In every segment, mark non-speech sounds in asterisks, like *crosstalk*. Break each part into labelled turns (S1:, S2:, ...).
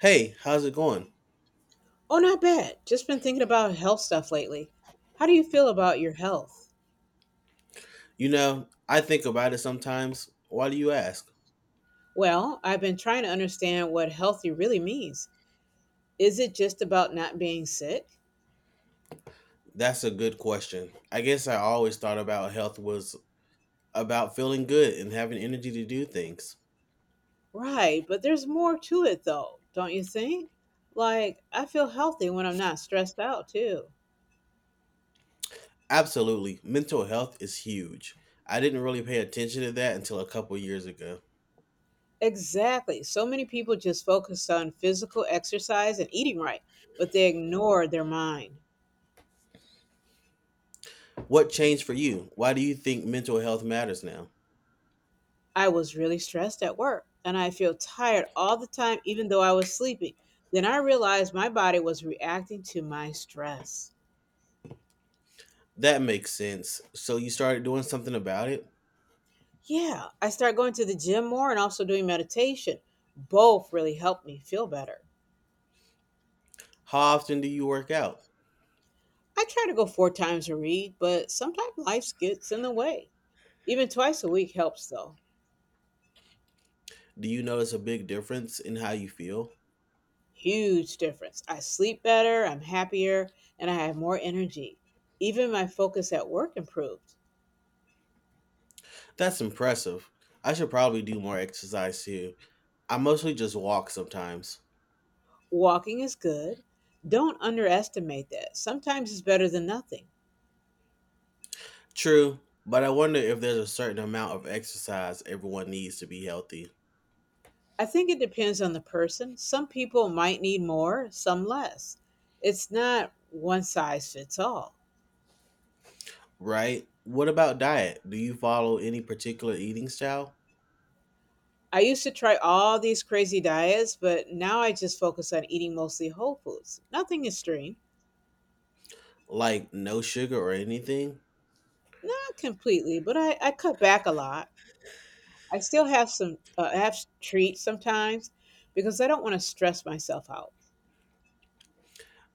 S1: Hey, how's it going?
S2: Oh, not bad. Just been thinking about health stuff lately. How do you feel about your health?
S1: You know, I think about it sometimes. Why do you ask?
S2: Well, I've been trying to understand what healthy really means. Is it just about not being sick?
S1: That's a good question. I guess I always thought about health was about feeling good and having energy to do things.
S2: Right, but there's more to it though, don't you think? Like, I feel healthy when I'm not stressed out too.
S1: Absolutely. Mental health is huge. I didn't really pay attention to that until a couple years ago.
S2: Exactly. So many people just focus on physical exercise and eating right, but they ignore their mind.
S1: What changed for you? Why do you think mental health matters now?
S2: I was really stressed at work and I feel tired all the time, even though I was sleeping. Then I realized my body was reacting to my stress.
S1: That makes sense. So you started doing something about it?
S2: Yeah, I started going to the gym more and also doing meditation. Both really helped me feel better.
S1: How often do you work out?
S2: I try to go four times a read, but sometimes life gets in the way. Even twice a week helps though.
S1: Do you notice a big difference in how you feel?
S2: Huge difference. I sleep better, I'm happier, and I have more energy. Even my focus at work improved.
S1: That's impressive. I should probably do more exercise too. I mostly just walk sometimes.
S2: Walking is good. Don't underestimate that. Sometimes it's better than nothing.
S1: True, but I wonder if there's a certain amount of exercise everyone needs to be healthy,
S2: I think it depends on the person. Some people might need more, some less. It's not one size fits all.
S1: right? What about diet? Do you follow any particular eating style?
S2: I used to try all these crazy diets, but now I just focus on eating mostly whole foods. Nothing extreme.
S1: Like no sugar or anything?
S2: Not completely, but I cut back a lot. I still have some I have treats sometimes because I don't want to stress myself out.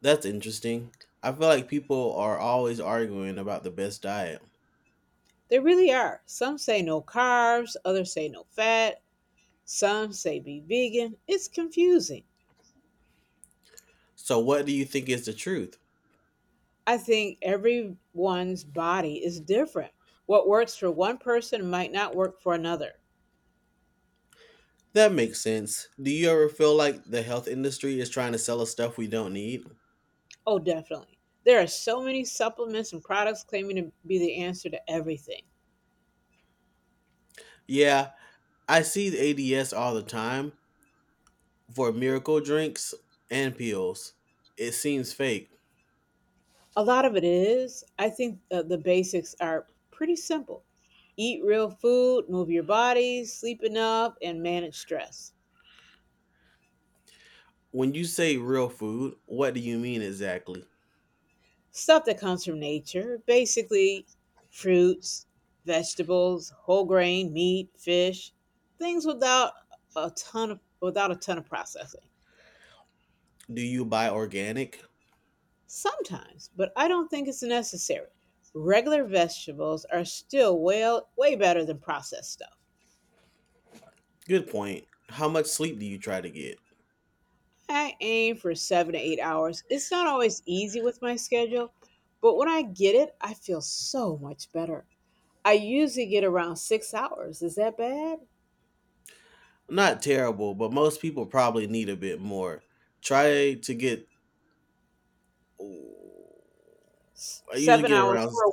S1: That's interesting. I feel like people are always arguing about the best diet.
S2: They really are. Some say no carbs, others say no fat, some say be vegan. It's confusing.
S1: So, what do you think is the truth?
S2: I think everyone's body is different. What works for one person might not work for another.
S1: That makes sense. Do you ever feel like the health industry is trying to sell us stuff we don't need?
S2: Oh, definitely. There are so many supplements and products claiming to be the answer to everything.
S1: Yeah, I see the ADS all the time for miracle drinks and pills. It seems fake.
S2: A lot of it is. I think the basics are pretty simple eat real food, move your body, sleep enough, and manage stress.
S1: When you say real food, what do you mean exactly?
S2: Stuff that comes from nature, basically fruits, vegetables, whole grain, meat, fish, things without a ton of without a ton of processing.
S1: Do you buy organic?
S2: Sometimes, but I don't think it's necessary. Regular vegetables are still well way better than processed stuff.
S1: Good point. How much sleep do you try to get?
S2: I aim for 7 to 8 hours. It's not always easy with my schedule, but when I get it, I feel so much better. I usually get around 6 hours. Is that bad?
S1: Not terrible, but most people probably need a bit more. Try to get. I usually
S2: 7
S1: get
S2: hours
S1: around.
S2: for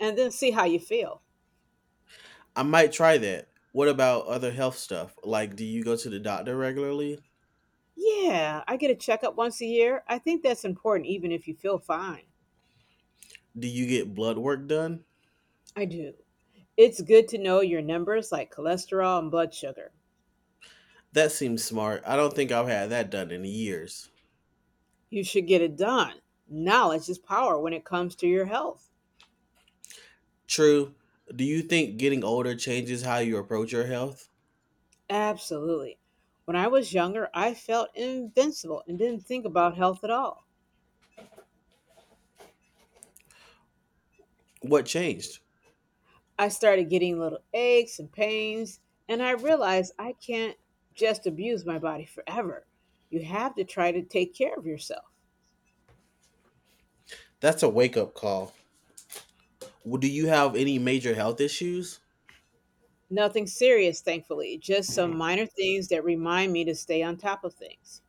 S2: and then see how you feel.
S1: I might try that. What about other health stuff? Like, do you go to the doctor regularly?
S2: Yeah, I get a checkup once a year. I think that's important even if you feel fine.
S1: Do you get blood work done?
S2: I do. It's good to know your numbers like cholesterol and blood sugar.
S1: That seems smart. I don't think I've had that done in years.
S2: You should get it done. Knowledge is power when it comes to your health.
S1: True. Do you think getting older changes how you approach your health?
S2: Absolutely. When I was younger, I felt invincible and didn't think about health at all.
S1: What changed?
S2: I started getting little aches and pains, and I realized I can't just abuse my body forever. You have to try to take care of yourself.
S1: That's a wake up call. Do you have any major health issues?
S2: Nothing serious, thankfully, just some minor things that remind me to stay on top of things.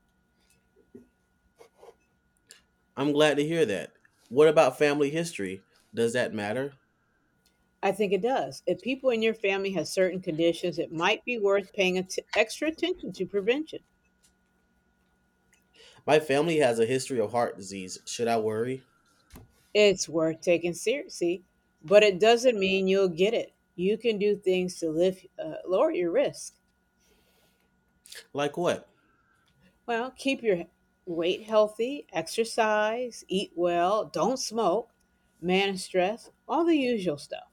S1: I'm glad to hear that. What about family history? Does that matter?
S2: I think it does. If people in your family have certain conditions, it might be worth extra attention to prevention.
S1: My family has a history of heart disease. Should I worry?
S2: It's worth taking seriously, but it doesn't mean you'll get it. You can do things to lower your risk.
S1: Like what?
S2: Well, keep your weight healthy, exercise, eat well, don't smoke, manage stress, all the usual stuff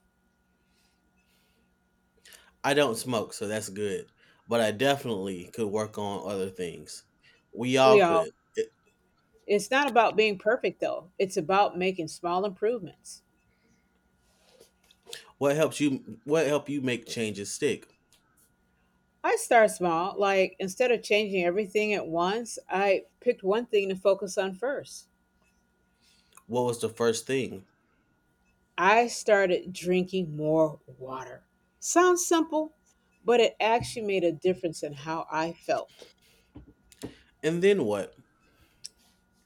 S1: I don't smoke, so that's good. But I definitely could work on other things. We all
S2: we all
S1: could. It-
S2: It's not about being perfect though. It's about making small improvements.
S1: What helps you what help you make changes stick?
S2: I start small, like instead of changing everything at once, I picked one thing to focus on first.
S1: What was the first thing?
S2: I started drinking more water. Sounds simple, but it actually made a difference in how I felt.
S1: And then what?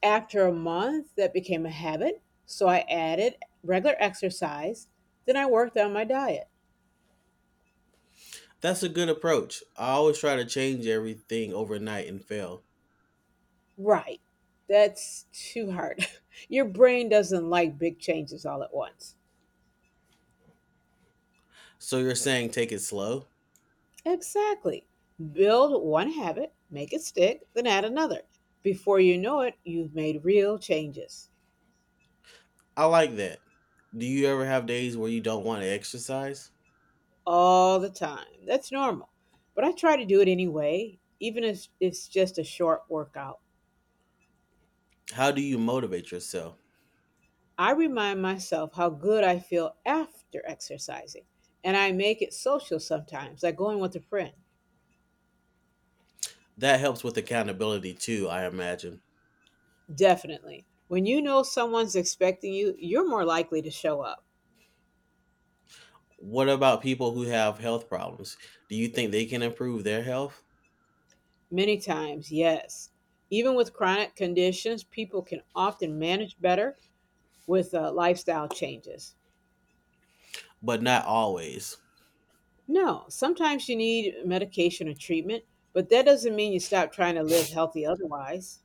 S2: After a month, that became a habit, so I added regular exercise, then I worked on my diet.
S1: That's a good approach. I always try to change everything overnight and fail.
S2: Right. That's too hard. *laughs* Your brain doesn't like big changes all at once.
S1: So you're saying take it slow?
S2: Exactly. Build one habit, make it stick, then add another. Before you know it, you've made real changes
S1: I like that. Do you ever have days where you don't want to exercise?
S2: all the time. That's normal. But I try to do it anyway, even if it's just a short workout.
S1: How do you motivate yourself?
S2: I remind myself how good I feel after exercising, and I make it social sometimes, like going with a friend.
S1: That helps with accountability too, I imagine.
S2: Definitely. When you know someone's expecting you, you're more likely to show up.
S1: What about people who have health problems? Do you think they can improve their health?
S2: Many times, yes. Even with chronic conditions, people can often manage better with lifestyle changes.
S1: But not always.
S2: No, sometimes you need medication or treatment, but that doesn't mean you stop trying to live healthy otherwise.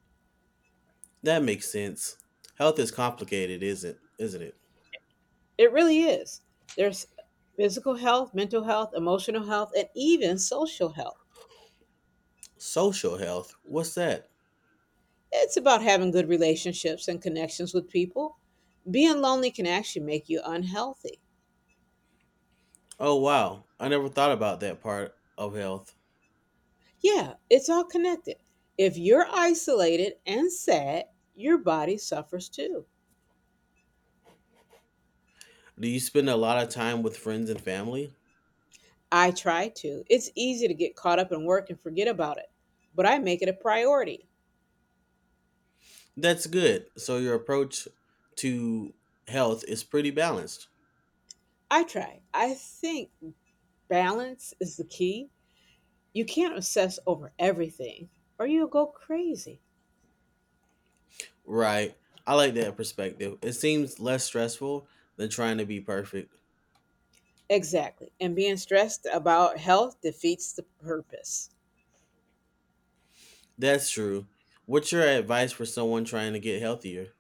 S1: That makes sense. Health is complicated, isn't it?
S2: It really is. There's physical health, mental health, emotional health, and even social health.
S1: Social health? What's that?
S2: It's about having good relationships and connections with people. Being lonely can actually make you unhealthy.
S1: Oh wow, I never thought about that part of health.
S2: Yeah, it's all connected. If you're isolated and sad, your body suffers too.
S1: Do you spend a lot of time with friends and family?
S2: I try to. It's easy to get caught up in work and forget about it, but I make it a priority.
S1: That's good. So your approach to health is pretty balanced.
S2: I try. I think balance is the key. You can't obsess over everything or you'll go crazy.
S1: Right. I like that perspective. It seems less stressful than trying to be perfect.
S2: Exactly. And being stressed about health defeats the purpose.
S1: That's true. What's your advice for someone trying to get healthier?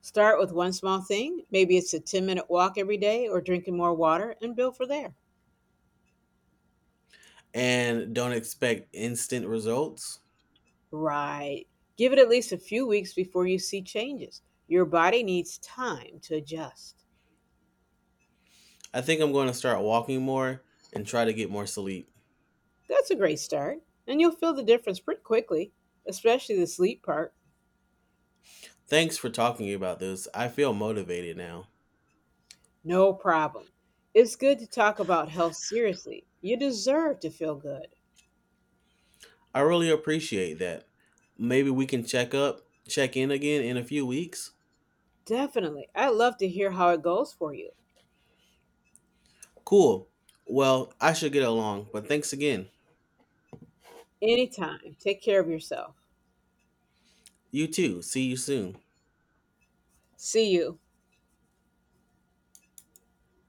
S2: Start with one small thing. Maybe it's a 10-minute walk every day or drinking more water and build for there.
S1: And don't expect instant results?
S2: Right. Give it at least a few weeks before you see changes. Your body needs time to adjust.
S1: I think I'm going to start walking more and try to get more sleep.
S2: That's a great start, and you'll feel the difference pretty quickly, especially the sleep part.
S1: Thanks for talking about this. I feel motivated now.
S2: No problem. It's good to talk about health seriously. You deserve to feel good.
S1: I really appreciate that. Maybe we can check in again in a few weeks.
S2: Definitely. I'd love to hear how it goes for you.
S1: Cool. Well, I should get along, but thanks again.
S2: Anytime. Take care of yourself.
S1: You too. See you soon.
S2: See you.